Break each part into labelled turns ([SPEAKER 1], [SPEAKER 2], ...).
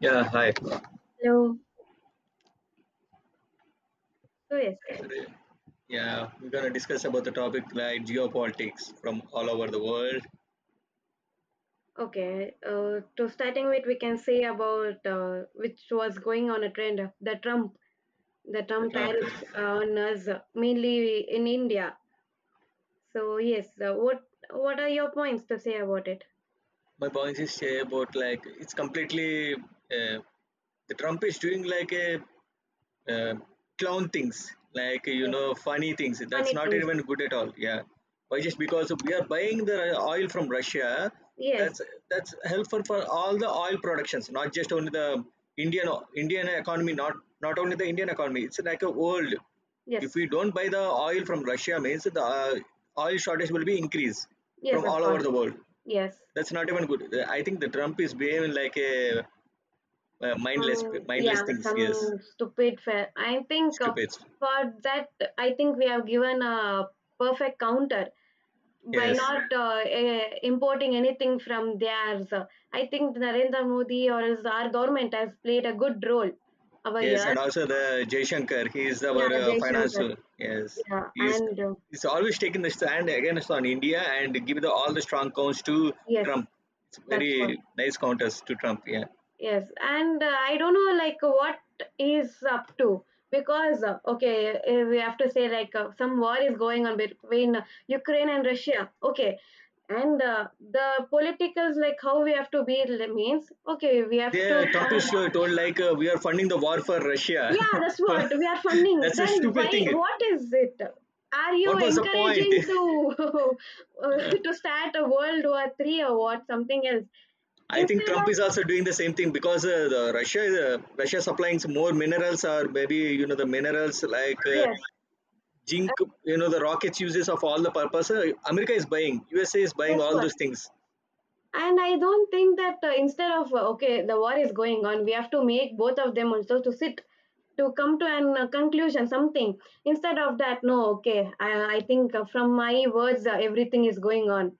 [SPEAKER 1] Yeah, hi.
[SPEAKER 2] Hello. So yes,
[SPEAKER 1] Today, yeah, we're going to discuss about the topic like geopolitics from all over the world.
[SPEAKER 2] okay. To starting with, we can say about which was going on a trend, of the Trump, the
[SPEAKER 1] The
[SPEAKER 2] Trump
[SPEAKER 1] Trump,
[SPEAKER 2] tariffs on us, mainly in India. So yes, what are your points to say about it?
[SPEAKER 1] my point is say about like it's completely the Trump is doing like a uh, clown things like
[SPEAKER 2] Yes,
[SPEAKER 1] funny things that's
[SPEAKER 2] funny
[SPEAKER 1] not
[SPEAKER 2] things.
[SPEAKER 1] even good at all, yeah. Why just because we are buying the oil from Russia? that's
[SPEAKER 2] Yes,
[SPEAKER 1] that's helpful for all the oil productions, not just only the indian indian economy, not only the Indian economy, it's like a world. If
[SPEAKER 2] yes,
[SPEAKER 1] we don't buy the oil from Russia means the oil shortage will be increased
[SPEAKER 2] yes,
[SPEAKER 1] from
[SPEAKER 2] of
[SPEAKER 1] all over
[SPEAKER 2] course.
[SPEAKER 1] the world.
[SPEAKER 2] Yes.
[SPEAKER 1] That's not even good. I think the Trump is behaving like a mindless mindless
[SPEAKER 2] Yeah,
[SPEAKER 1] things, yes.
[SPEAKER 2] some stupid fair. I think
[SPEAKER 1] Stupid.
[SPEAKER 2] for that, I think we have given a perfect counter by
[SPEAKER 1] Yes,
[SPEAKER 2] not importing anything from theirs. I think Narendra Modi or his, our government has played a good role over
[SPEAKER 1] yes,
[SPEAKER 2] here.
[SPEAKER 1] and also the Jayshankar, he is our
[SPEAKER 2] Yeah, Jai
[SPEAKER 1] finance.
[SPEAKER 2] Shankar.
[SPEAKER 1] Yes,
[SPEAKER 2] Yeah,
[SPEAKER 1] he's
[SPEAKER 2] and
[SPEAKER 1] he's always taking the stand against on India and give the all the strong counts to
[SPEAKER 2] yes,
[SPEAKER 1] Trump. It's
[SPEAKER 2] that's what.
[SPEAKER 1] very nice counters to Trump. Yeah,
[SPEAKER 2] Yes, and I don't know like what he's up to because okay, we have to say like some war is going on between Ukraine and Russia. Okay, and the politicals like how we have to be, means okay, we have to
[SPEAKER 1] they Trump
[SPEAKER 2] come.
[SPEAKER 1] is told like we are funding the war for Russia.
[SPEAKER 2] Yeah, that's what we are funding.
[SPEAKER 1] That's a
[SPEAKER 2] Then
[SPEAKER 1] stupid
[SPEAKER 2] why?
[SPEAKER 1] thing.
[SPEAKER 2] What is it? Are you
[SPEAKER 1] What was the point?
[SPEAKER 2] encouraging to, uh,
[SPEAKER 1] Uh,
[SPEAKER 2] to start a World War Three or what? Something else
[SPEAKER 1] I think
[SPEAKER 2] instead
[SPEAKER 1] Trump is
[SPEAKER 2] of.
[SPEAKER 1] also doing the same thing because the Russia is Russia supplying some more minerals or maybe the minerals like
[SPEAKER 2] Yes,
[SPEAKER 1] Jink,
[SPEAKER 2] uh,
[SPEAKER 1] the rockets uses of all the purpose. America is buying. USA is buying
[SPEAKER 2] that's
[SPEAKER 1] all
[SPEAKER 2] what.
[SPEAKER 1] those things.
[SPEAKER 2] And I don't think that, instead of, okay, the war is going on. We have to make both of them also to sit, to come to an conclusion, something instead of that. No, okay, I think from my words everything is going on.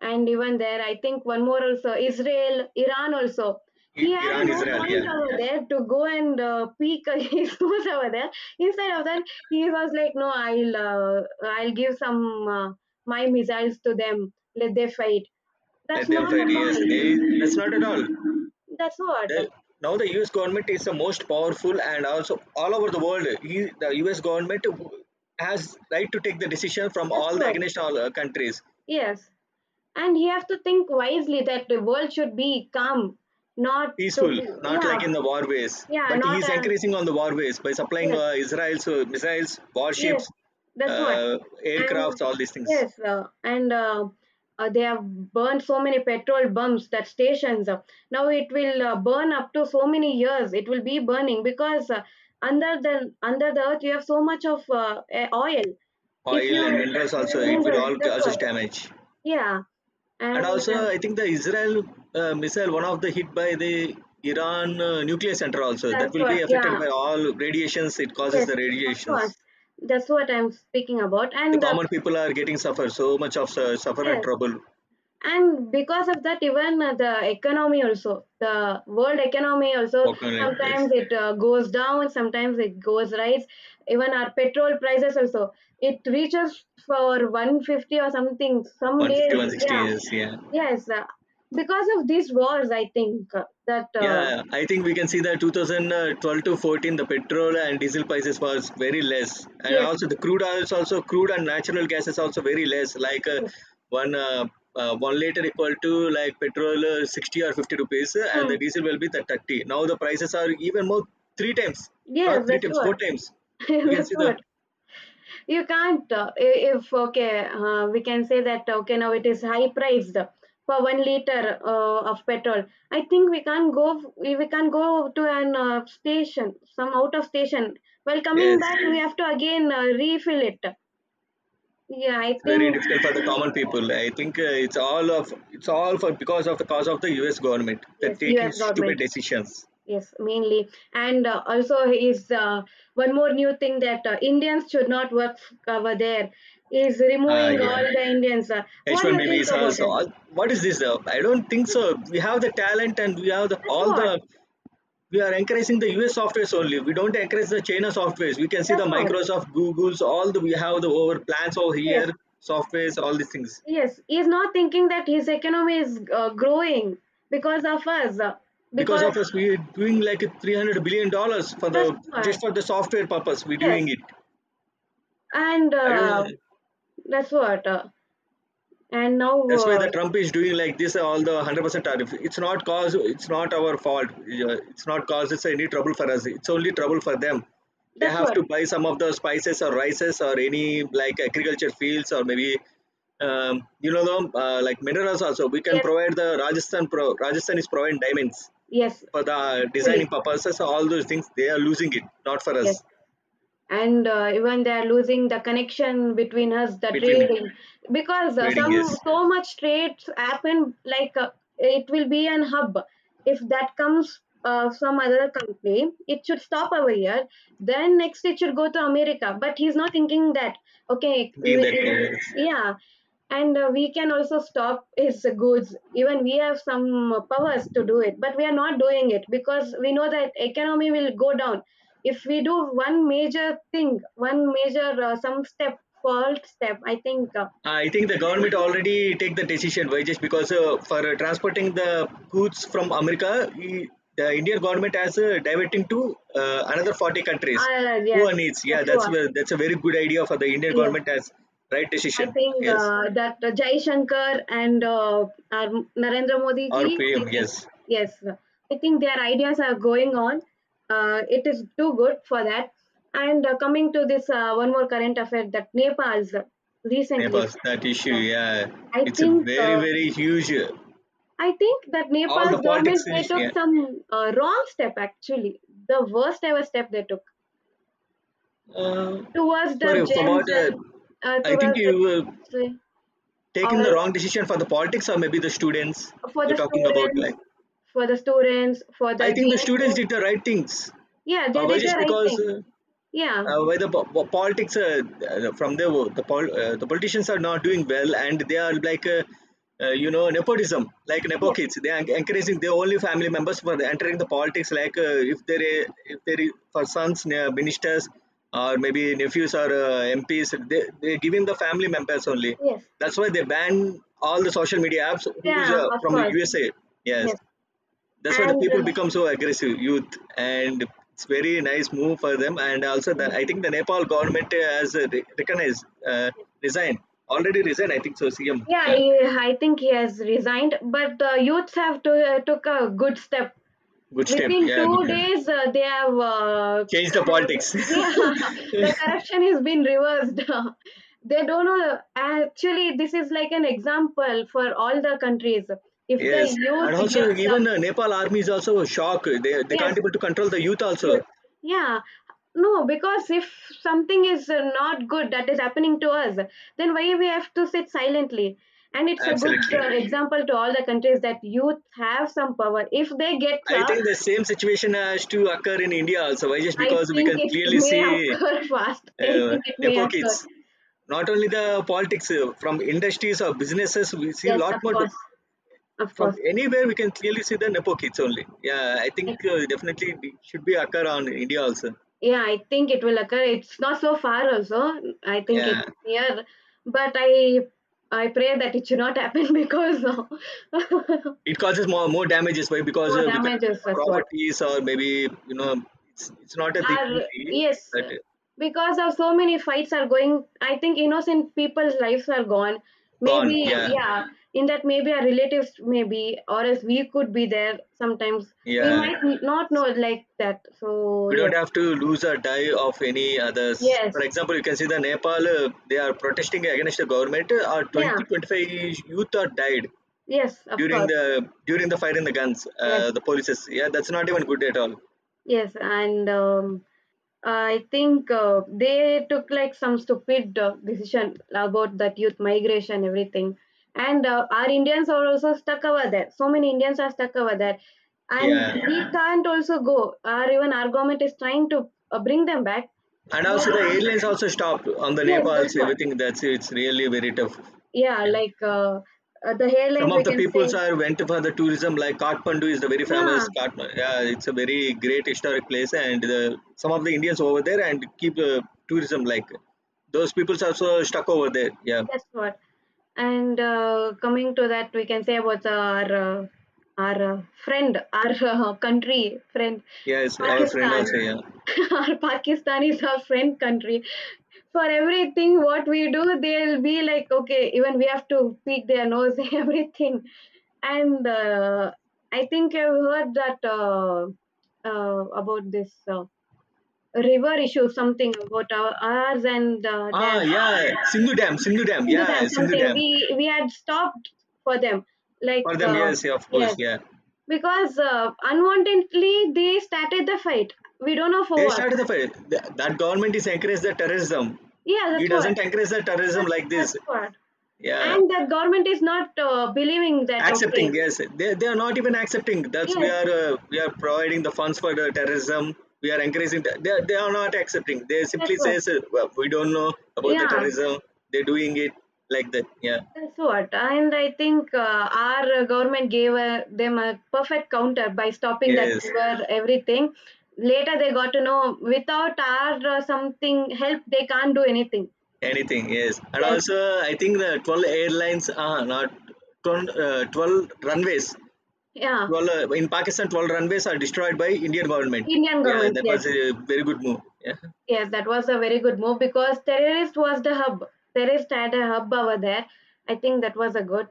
[SPEAKER 2] And even there I think one more also, Israel, Iran also, he had a
[SPEAKER 1] Iran,
[SPEAKER 2] no
[SPEAKER 1] Israel,
[SPEAKER 2] point
[SPEAKER 1] yeah.
[SPEAKER 2] over there to go and peek his nose over there. Instead of that, he was like, no, I'll give some, uh, my missiles to them, let they fight. That's
[SPEAKER 1] Let them
[SPEAKER 2] not
[SPEAKER 1] fight.
[SPEAKER 2] a
[SPEAKER 1] Yes, they.
[SPEAKER 2] point.
[SPEAKER 1] That's not at all.
[SPEAKER 2] That's what.
[SPEAKER 1] They, now the U.S. government is the most powerful, and also all over the world, the U.S. government has right to take the decision from
[SPEAKER 2] That's
[SPEAKER 1] all the
[SPEAKER 2] what.
[SPEAKER 1] against all countries,
[SPEAKER 2] Yes. And you have to think wisely, that the world should be calm, not to
[SPEAKER 1] peaceful,
[SPEAKER 2] be.
[SPEAKER 1] not
[SPEAKER 2] Yeah,
[SPEAKER 1] like in the war ways.
[SPEAKER 2] yeah,
[SPEAKER 1] But he
[SPEAKER 2] not
[SPEAKER 1] is
[SPEAKER 2] a,
[SPEAKER 1] encouraging on the war ways by supplying
[SPEAKER 2] yes,
[SPEAKER 1] Israel's missiles,
[SPEAKER 2] yes,
[SPEAKER 1] warships,
[SPEAKER 2] that's what.
[SPEAKER 1] uh,
[SPEAKER 2] And
[SPEAKER 1] aircrafts, all these things.
[SPEAKER 2] yes, and they have burned so many petrol bumps, that stations. Now it will burn up to so many years. It will be burning because under the earth you have so much of oil. If
[SPEAKER 1] Oil
[SPEAKER 2] you
[SPEAKER 1] and minerals also it will
[SPEAKER 2] minerals,
[SPEAKER 1] all
[SPEAKER 2] that's
[SPEAKER 1] causes
[SPEAKER 2] what.
[SPEAKER 1] damage.
[SPEAKER 2] Yeah,
[SPEAKER 1] And
[SPEAKER 2] and
[SPEAKER 1] also I think the Israel missile one of the hit by the Iran nuclear center also
[SPEAKER 2] that's
[SPEAKER 1] that will be
[SPEAKER 2] what.
[SPEAKER 1] affected
[SPEAKER 2] Yeah,
[SPEAKER 1] by all radiations. It causes
[SPEAKER 2] yes,
[SPEAKER 1] the
[SPEAKER 2] of course.
[SPEAKER 1] radiations.
[SPEAKER 2] That's what I'm speaking about.
[SPEAKER 1] The
[SPEAKER 2] And
[SPEAKER 1] common people are getting suffer so much of suffer and
[SPEAKER 2] yes,
[SPEAKER 1] trouble,
[SPEAKER 2] and because of that even the economy also, the world economy also,
[SPEAKER 1] walking like, yes,
[SPEAKER 2] sometimes it goes down, sometimes it goes rise, even our petrol prices also, it reaches for 150 or something some days.
[SPEAKER 1] 150 160
[SPEAKER 2] Yeah,
[SPEAKER 1] years, yeah.
[SPEAKER 2] yes, because of these wars I think that
[SPEAKER 1] Yeah, I think we can see that 2012 to 14, the petrol and diesel prices was very less, and
[SPEAKER 2] yes,
[SPEAKER 1] also the crude oil is also crude and natural gas is also very less. Like
[SPEAKER 2] yes.
[SPEAKER 1] one uh, one liter equal to like petrol 60 or 50 rupees, and
[SPEAKER 2] Hmm.
[SPEAKER 1] the diesel will be the 30. Now the prices are even more three times,
[SPEAKER 2] Yes,
[SPEAKER 1] not three
[SPEAKER 2] that's
[SPEAKER 1] times,
[SPEAKER 2] what.
[SPEAKER 1] four times. We can
[SPEAKER 2] That's
[SPEAKER 1] see the,
[SPEAKER 2] what. You can't. If okay, we can say that okay, now it is high priced for 1 liter of petrol. I think we can't go. We can't go to an station, some out of station. While coming
[SPEAKER 1] yes,
[SPEAKER 2] back, we have to again refill it. Yeah, I
[SPEAKER 1] it's very
[SPEAKER 2] think,
[SPEAKER 1] difficult for the common people. I think it's all for because of the cause of the U.S. government. They're
[SPEAKER 2] yes,
[SPEAKER 1] taking
[SPEAKER 2] U.S.
[SPEAKER 1] stupid
[SPEAKER 2] government.
[SPEAKER 1] decisions.
[SPEAKER 2] Yes, mainly, and also is one more new thing, that Indians should not work over there, is
[SPEAKER 1] Ah,
[SPEAKER 2] removing
[SPEAKER 1] yeah.
[SPEAKER 2] all the Indians. What do you
[SPEAKER 1] H-1B
[SPEAKER 2] think
[SPEAKER 1] visas.
[SPEAKER 2] about it?
[SPEAKER 1] What is this though? I don't think so.
[SPEAKER 2] That's,
[SPEAKER 1] We have the talent, and we have the,
[SPEAKER 2] that's
[SPEAKER 1] all the.
[SPEAKER 2] what.
[SPEAKER 1] We are encouraging the US softwares only. We don't encourage the China softwares. We can see
[SPEAKER 2] That's
[SPEAKER 1] the
[SPEAKER 2] what.
[SPEAKER 1] Microsoft, Google's, all the we have the over plans over
[SPEAKER 2] Yes,
[SPEAKER 1] here, softwares, all these things.
[SPEAKER 2] yes. He's not thinking that his economy is growing because of us.
[SPEAKER 1] Because
[SPEAKER 2] Because
[SPEAKER 1] of us, we're doing like $300 billion for
[SPEAKER 2] that's
[SPEAKER 1] the
[SPEAKER 2] what.
[SPEAKER 1] just for the software purpose. We're
[SPEAKER 2] Yes,
[SPEAKER 1] doing it.
[SPEAKER 2] and
[SPEAKER 1] I don't.
[SPEAKER 2] that's what. And now
[SPEAKER 1] That's why the Trump is doing like this. All the 100% tariff. It's not cause. It's not our fault. Yeah, it's not cause. It's any trouble for us. It's only trouble for them. They
[SPEAKER 2] That's
[SPEAKER 1] have
[SPEAKER 2] what.
[SPEAKER 1] to buy some of the spices or rices or any like agriculture fields or maybe the like minerals also. We can
[SPEAKER 2] Yes,
[SPEAKER 1] provide the Rajasthan. Rajasthan is providing diamonds
[SPEAKER 2] yes.
[SPEAKER 1] for the designing
[SPEAKER 2] Actually,
[SPEAKER 1] purposes. All those things they are losing it. Not for
[SPEAKER 2] yes.
[SPEAKER 1] us,
[SPEAKER 2] And even they are losing the connection between us, the
[SPEAKER 1] between
[SPEAKER 2] trading, because
[SPEAKER 1] trading.
[SPEAKER 2] some
[SPEAKER 1] Yes,
[SPEAKER 2] so much trades happen, like it will be an hub. If that comes from other country, it should stop over here, then next it should go to America, but he's not thinking that, okay, we
[SPEAKER 1] thinking that way.
[SPEAKER 2] will-.
[SPEAKER 1] Yes.
[SPEAKER 2] Yeah, and we can also stop his goods, even we have some powers to do it, but we are not doing it, because we know that economy will go down if we do one major thing, one major some step, fault step, I think.
[SPEAKER 1] I think the government already take the decision why just because for transporting the goods from America, the Indian government has diverting to another 40 countries who are
[SPEAKER 2] Yes,
[SPEAKER 1] needs. Yeah,
[SPEAKER 2] that's
[SPEAKER 1] that's
[SPEAKER 2] what,
[SPEAKER 1] where that's a very good idea for the Indian
[SPEAKER 2] yes.
[SPEAKER 1] government has right
[SPEAKER 2] I
[SPEAKER 1] decision.
[SPEAKER 2] think
[SPEAKER 1] Yes,
[SPEAKER 2] that Jai Shankar and our Narendra Modi
[SPEAKER 1] or
[SPEAKER 2] ji, I
[SPEAKER 1] PM.
[SPEAKER 2] think,
[SPEAKER 1] Yes,
[SPEAKER 2] yes, I think their ideas are going on. It is too good for that. And coming to this one more current affair, that Nepal's, recently,
[SPEAKER 1] Nepal that issue.
[SPEAKER 2] yeah,
[SPEAKER 1] Yeah,
[SPEAKER 2] I
[SPEAKER 1] it's a
[SPEAKER 2] think
[SPEAKER 1] very
[SPEAKER 2] uh,
[SPEAKER 1] very huge.
[SPEAKER 2] I think that
[SPEAKER 1] All the
[SPEAKER 2] Nepal's government,
[SPEAKER 1] politics.
[SPEAKER 2] they took
[SPEAKER 1] Yeah.
[SPEAKER 2] some wrong step actually, the worst ever step they took
[SPEAKER 1] Uh,
[SPEAKER 2] towards the
[SPEAKER 1] sorry for
[SPEAKER 2] gens,
[SPEAKER 1] what.
[SPEAKER 2] and
[SPEAKER 1] I think
[SPEAKER 2] towards
[SPEAKER 1] you.
[SPEAKER 2] the Gen, or
[SPEAKER 1] Taken the
[SPEAKER 2] else
[SPEAKER 1] wrong decision for the politics or maybe the students
[SPEAKER 2] for the
[SPEAKER 1] you're talking about
[SPEAKER 2] students,
[SPEAKER 1] like.
[SPEAKER 2] for the students, for the
[SPEAKER 1] I think the
[SPEAKER 2] gens
[SPEAKER 1] students
[SPEAKER 2] youth.
[SPEAKER 1] did the right things.
[SPEAKER 2] Yeah, they
[SPEAKER 1] Why
[SPEAKER 2] did the
[SPEAKER 1] just
[SPEAKER 2] right
[SPEAKER 1] because
[SPEAKER 2] thing. Yeah.
[SPEAKER 1] where the politics from the politicians are not doing well, and they are like nepotism, like nepo
[SPEAKER 2] Yes.
[SPEAKER 1] kids they are encouraging their only family members for entering the politics, like if there is for sons ministers or maybe nephews or MPs they giving the family members only.
[SPEAKER 2] Yes.
[SPEAKER 1] That's why they ban all the social media apps who's
[SPEAKER 2] Yeah. Of
[SPEAKER 1] from the
[SPEAKER 2] course.
[SPEAKER 1] USA. Yes,
[SPEAKER 2] Yes.
[SPEAKER 1] that's why the
[SPEAKER 2] And.
[SPEAKER 1] people become so aggressive youth. And it's very nice move for them. And also
[SPEAKER 2] Uh,
[SPEAKER 1] I think the Nepal government has recognized resign already resigned, I think so. CM,
[SPEAKER 2] yeah,
[SPEAKER 1] yeah.
[SPEAKER 2] I think he has resigned, but the youths have to, took a good step
[SPEAKER 1] Good step,
[SPEAKER 2] within
[SPEAKER 1] yeah, good
[SPEAKER 2] two
[SPEAKER 1] move.
[SPEAKER 2] days They have
[SPEAKER 1] Change the politics.
[SPEAKER 2] yeah, the corruption has been reversed. They don't know actually, this is like an example for all the countries, if the
[SPEAKER 1] Yes,
[SPEAKER 2] youth
[SPEAKER 1] and also
[SPEAKER 2] gets up.
[SPEAKER 1] even Nepal army is also shocked. They
[SPEAKER 2] Yes,
[SPEAKER 1] can't able to control the youth also.
[SPEAKER 2] youth, yeah. No, because if something is not good that is happening to us, then why we have to sit silently? And it's a good
[SPEAKER 1] Absolutely.
[SPEAKER 2] example to all the countries, that youth have some power if they get
[SPEAKER 1] I
[SPEAKER 2] up.
[SPEAKER 1] think the same situation has to occur in India also. Why just
[SPEAKER 2] I
[SPEAKER 1] because we
[SPEAKER 2] think
[SPEAKER 1] can
[SPEAKER 2] it
[SPEAKER 1] clearly
[SPEAKER 2] may
[SPEAKER 1] see
[SPEAKER 2] occur fast. I
[SPEAKER 1] uh,
[SPEAKER 2] think it may
[SPEAKER 1] Nepo
[SPEAKER 2] occur.
[SPEAKER 1] kids not only the politics, from industries or businesses we see a
[SPEAKER 2] Yes,
[SPEAKER 1] lot
[SPEAKER 2] of
[SPEAKER 1] more
[SPEAKER 2] course, of
[SPEAKER 1] from
[SPEAKER 2] course.
[SPEAKER 1] anywhere we can clearly see the nepo kids only, yeah. I think
[SPEAKER 2] I,
[SPEAKER 1] definitely it should be occur on India also.
[SPEAKER 2] yeah, I think it will occur. It's not so far also. I think it's
[SPEAKER 1] Yeah,
[SPEAKER 2] near, but I pray that it should not happen because of,
[SPEAKER 1] it causes more damages. Why? Because
[SPEAKER 2] more damages. That's what.
[SPEAKER 1] properties or maybe you know it's not a thing
[SPEAKER 2] Are,
[SPEAKER 1] easy,
[SPEAKER 2] yes,
[SPEAKER 1] but
[SPEAKER 2] because of so many fights are going, I think innocent people's lives are gone.
[SPEAKER 1] gone,
[SPEAKER 2] Maybe,
[SPEAKER 1] yeah.
[SPEAKER 2] yeah, in that maybe our relatives maybe, or else we could be there sometimes. We
[SPEAKER 1] Yeah,
[SPEAKER 2] might not know like that. So
[SPEAKER 1] we
[SPEAKER 2] yes,
[SPEAKER 1] don't have to lose or die of any others. For
[SPEAKER 2] yes,
[SPEAKER 1] example, you can see the Nepal, they are protesting against the government.
[SPEAKER 2] yeah,
[SPEAKER 1] 2025 youth are died
[SPEAKER 2] yes, of course,
[SPEAKER 1] during the fire in the guns,
[SPEAKER 2] yes,
[SPEAKER 1] the polices, yeah. That's not even good at all.
[SPEAKER 2] yes, and I think they took like some stupid decision about that youth migration, everything. And our Indians are also stuck over there. So many Indians are stuck over there, and
[SPEAKER 1] Yeah,
[SPEAKER 2] we can't also go, or even our government is trying to bring them back,
[SPEAKER 1] and
[SPEAKER 2] but
[SPEAKER 1] also the airlines also stopped on the
[SPEAKER 2] yes, that's
[SPEAKER 1] Nepals
[SPEAKER 2] what.
[SPEAKER 1] everything. That's it's really very tough,
[SPEAKER 2] Yeah,
[SPEAKER 1] yeah.
[SPEAKER 2] like the
[SPEAKER 1] Some
[SPEAKER 2] airlines, we
[SPEAKER 1] of the
[SPEAKER 2] can
[SPEAKER 1] peoples
[SPEAKER 2] say,
[SPEAKER 1] are went for the tourism like Kathmandu is the very
[SPEAKER 2] yeah.
[SPEAKER 1] famous Kathmandu, yeah, it's a very great historic place. And some of the Indians over there, and keep tourism like, those peoples also stuck over there, yeah.
[SPEAKER 2] That's what. And coming to that, we can say about our friend, our country friend,
[SPEAKER 1] Yes, our friend
[SPEAKER 2] Pakistan.
[SPEAKER 1] also, yeah.
[SPEAKER 2] Our Pakistan is our friend country. For everything what we do, they'll be like, okay, even we have to pick their nose, everything. And I think I've heard that, about this river issue, something about ours and
[SPEAKER 1] Ah,
[SPEAKER 2] theirs,
[SPEAKER 1] yeah. Sindhu Dam, Sindhu Dam,
[SPEAKER 2] into
[SPEAKER 1] yeah,
[SPEAKER 2] them
[SPEAKER 1] Sindhu
[SPEAKER 2] something.
[SPEAKER 1] Dam,
[SPEAKER 2] We had stopped for them, like,
[SPEAKER 1] for them. Yes, yeah, of course,
[SPEAKER 2] yes,
[SPEAKER 1] yeah.
[SPEAKER 2] because unwantedly they started the fight, we don't know for
[SPEAKER 1] They
[SPEAKER 2] what.
[SPEAKER 1] started the fire. That government is encourage the terrorism.
[SPEAKER 2] Yeah,
[SPEAKER 1] He
[SPEAKER 2] that's what.
[SPEAKER 1] doesn't encourage the terrorism
[SPEAKER 2] that's,
[SPEAKER 1] like this.
[SPEAKER 2] that's what,
[SPEAKER 1] Yeah,
[SPEAKER 2] and the government is not believing that, okay,
[SPEAKER 1] accepting. Yes, they are not even accepting. That's we
[SPEAKER 2] yes,
[SPEAKER 1] are uh, we are providing the funds for the terrorism. We are encouraging. They are not accepting. They
[SPEAKER 2] that's
[SPEAKER 1] simply
[SPEAKER 2] what,
[SPEAKER 1] says well, we don't know about the
[SPEAKER 2] yeah,
[SPEAKER 1] terrorism. They're doing it like that. Yeah.
[SPEAKER 2] that's what. And I think our government gave them a perfect counter by stopping that
[SPEAKER 1] Yes.
[SPEAKER 2] river, everything. Later they got to know, without our something help they can't do anything.
[SPEAKER 1] Anything. Yes. And
[SPEAKER 2] Yes,
[SPEAKER 1] also, I think the 12 airlines are not 12 runways.
[SPEAKER 2] yeah,
[SPEAKER 1] 12 in Pakistan, 12 runways are destroyed by Indian government.
[SPEAKER 2] Indian
[SPEAKER 1] Yeah,
[SPEAKER 2] governments.
[SPEAKER 1] that
[SPEAKER 2] Yes,
[SPEAKER 1] was a very good move. Yeah.
[SPEAKER 2] yes, that was a very good move, because terrorist was the hub. Terrorist had a hub over there. I think that was a good.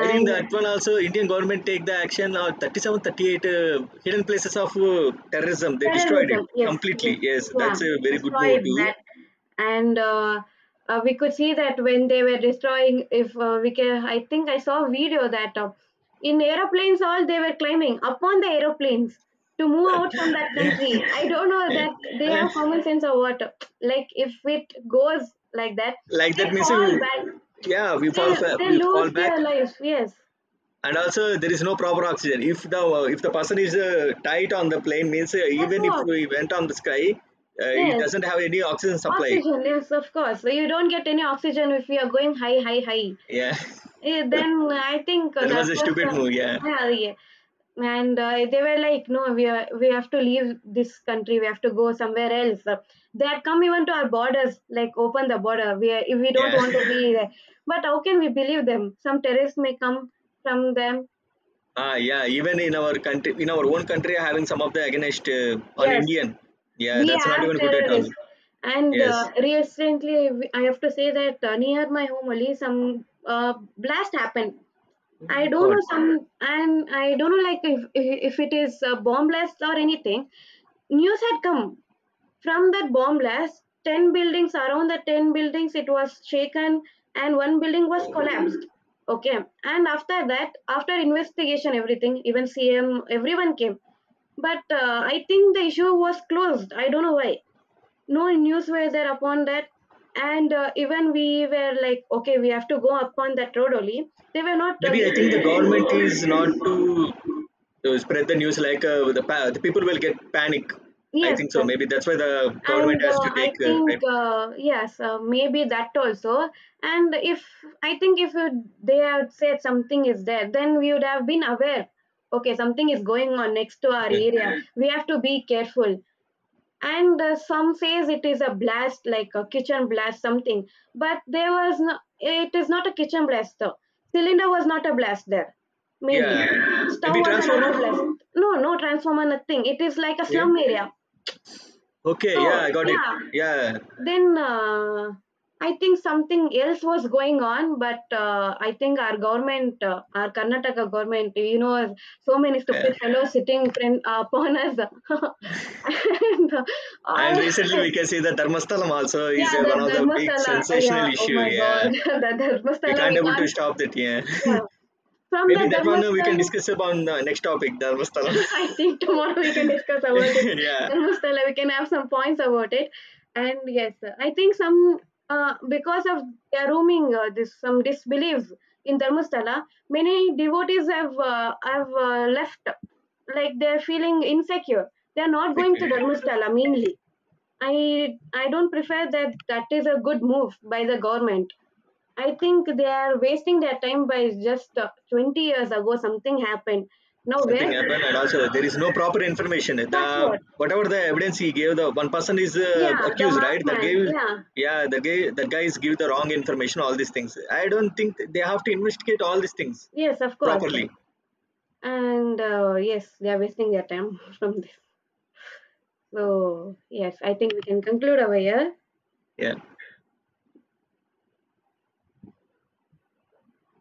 [SPEAKER 1] I think that one also Indian government take the action or 37, 38 hidden places of terrorism. They destroyed it
[SPEAKER 2] terrorism, yes, yes,
[SPEAKER 1] completely. Yes,
[SPEAKER 2] yeah,
[SPEAKER 1] that's a very good move
[SPEAKER 2] destroyed
[SPEAKER 1] too.
[SPEAKER 2] that, and we could see that when they were destroying. If we can, I think I saw a video that, in aeroplanes, all they were climbing upon the aeroplanes to move out from that
[SPEAKER 1] Yeah.
[SPEAKER 2] country. I don't know
[SPEAKER 1] Yeah.
[SPEAKER 2] that they
[SPEAKER 1] Yeah.
[SPEAKER 2] have common sense or what. Like if it goes like that,
[SPEAKER 1] Like
[SPEAKER 2] they
[SPEAKER 1] that means
[SPEAKER 2] fall back.
[SPEAKER 1] yeah, we fall
[SPEAKER 2] They they
[SPEAKER 1] we fall
[SPEAKER 2] lose
[SPEAKER 1] back.
[SPEAKER 2] their lives. Yes,
[SPEAKER 1] And also there is no proper oxygen. If the person is tight on the plane means
[SPEAKER 2] that's
[SPEAKER 1] even if
[SPEAKER 2] what.
[SPEAKER 1] we went on the sky, it
[SPEAKER 2] Yes.
[SPEAKER 1] doesn't have any oxygen supply.
[SPEAKER 2] Oxygen, yes, of course. So, you don't get any oxygen if you are going high, high, high.
[SPEAKER 1] Yeah,
[SPEAKER 2] Then
[SPEAKER 1] that
[SPEAKER 2] I think that
[SPEAKER 1] was a
[SPEAKER 2] was,
[SPEAKER 1] stupid move. Yeah,
[SPEAKER 2] yeah, yeah. And they were like, no, we have to leave this country. We have to go somewhere else. They had come even to our borders, like, open the border, we are, if we don't
[SPEAKER 1] yeah,
[SPEAKER 2] want to be there. But how can we believe them? Some terrorists may come from them.
[SPEAKER 1] ah, yeah. Even in our country, in our own country, having some of the against on
[SPEAKER 2] Yes,
[SPEAKER 1] Indian. Yeah,
[SPEAKER 2] we
[SPEAKER 1] that's not
[SPEAKER 2] have
[SPEAKER 1] even good at all.
[SPEAKER 2] terrorists. And
[SPEAKER 1] Yes.
[SPEAKER 2] recently I have to say that near my home only, some blast happened. I
[SPEAKER 1] Oh,
[SPEAKER 2] don't
[SPEAKER 1] God.
[SPEAKER 2] know, some, and I don't know like, if it is a bomb blast or anything. News had come from that bomb blast, 10 buildings, around the 10 buildings it was shaken, and one building was collapsed. Okay. And after that, after investigation, everything, even CM, everyone came. But I think the issue was closed. I don't know why. No news were there upon that. And even we were like, okay, we have to go upon that road only. They were not.
[SPEAKER 1] Maybe I think the
[SPEAKER 2] Giving-,
[SPEAKER 1] government is not to spread the news like the the people will get panic. I
[SPEAKER 2] yes.
[SPEAKER 1] think so. Maybe that's why the government
[SPEAKER 2] And
[SPEAKER 1] has to
[SPEAKER 2] I
[SPEAKER 1] take.
[SPEAKER 2] think yes, maybe that also. And if I think if you, they had said something is there, then we would have been aware, okay, something is going on next to our
[SPEAKER 1] Well,
[SPEAKER 2] area, we have to be careful. And some says it is a blast like a kitchen blast something, but there was no, it is not a kitchen blast though, cylinder was not a blast there mainly,
[SPEAKER 1] yeah.
[SPEAKER 2] stove
[SPEAKER 1] Maybe
[SPEAKER 2] was not
[SPEAKER 1] transformer.
[SPEAKER 2] a blast, no, no transformer, nothing, it is like a
[SPEAKER 1] Okay.
[SPEAKER 2] slum area.
[SPEAKER 1] Okay. Yeah,
[SPEAKER 2] So
[SPEAKER 1] I got it.
[SPEAKER 2] yeah,
[SPEAKER 1] Yeah.
[SPEAKER 2] then I think something else was going on, but I think our government, our Karnataka government, so many
[SPEAKER 1] Yeah.
[SPEAKER 2] stupid fellows sitting friend, upon us. And
[SPEAKER 1] And
[SPEAKER 2] all,
[SPEAKER 1] recently we can see that Dharmasthalam also is
[SPEAKER 2] yeah, that
[SPEAKER 1] one of the big
[SPEAKER 2] Dharmasthala,
[SPEAKER 1] sensational
[SPEAKER 2] yeah, oh
[SPEAKER 1] issue.
[SPEAKER 2] my
[SPEAKER 1] Yeah,
[SPEAKER 2] god, that
[SPEAKER 1] we
[SPEAKER 2] Dharmasthala,
[SPEAKER 1] can't
[SPEAKER 2] we
[SPEAKER 1] able to
[SPEAKER 2] can't,
[SPEAKER 1] stop that. Yeah,
[SPEAKER 2] yeah. From the
[SPEAKER 1] maybe that one we can
[SPEAKER 2] Dharmasthala,
[SPEAKER 1] discuss about the next topic, Dharmasthalam.
[SPEAKER 2] I think tomorrow we can discuss about it.
[SPEAKER 1] Yeah,
[SPEAKER 2] Then Mustala, we can have some points about it. And yes, I think some because of their roaming, this some disbelief in Dharmastala, many devotees have left, like they're feeling insecure. They're not going
[SPEAKER 1] exactly,
[SPEAKER 2] to
[SPEAKER 1] yeah.
[SPEAKER 2] Dharmastala mainly. I don't prefer that. That is a good move by the government. I think they are wasting their time by just 20 years ago something happened. Now
[SPEAKER 1] Something
[SPEAKER 2] where
[SPEAKER 1] happened, and also there is no proper information. The
[SPEAKER 2] that's what.
[SPEAKER 1] whatever the evidence he gave, the one person is
[SPEAKER 2] Yeah, the
[SPEAKER 1] accused, right?
[SPEAKER 2] masked
[SPEAKER 1] That
[SPEAKER 2] man.
[SPEAKER 1] gave,
[SPEAKER 2] Yeah,
[SPEAKER 1] yeah, the guy, that guys give the wrong information. All these things. I don't think they have to investigate all these things
[SPEAKER 2] yes, of course.
[SPEAKER 1] properly.
[SPEAKER 2] And yes, they are wasting their time from this. So, yes, I think we can conclude over here.
[SPEAKER 1] Yeah.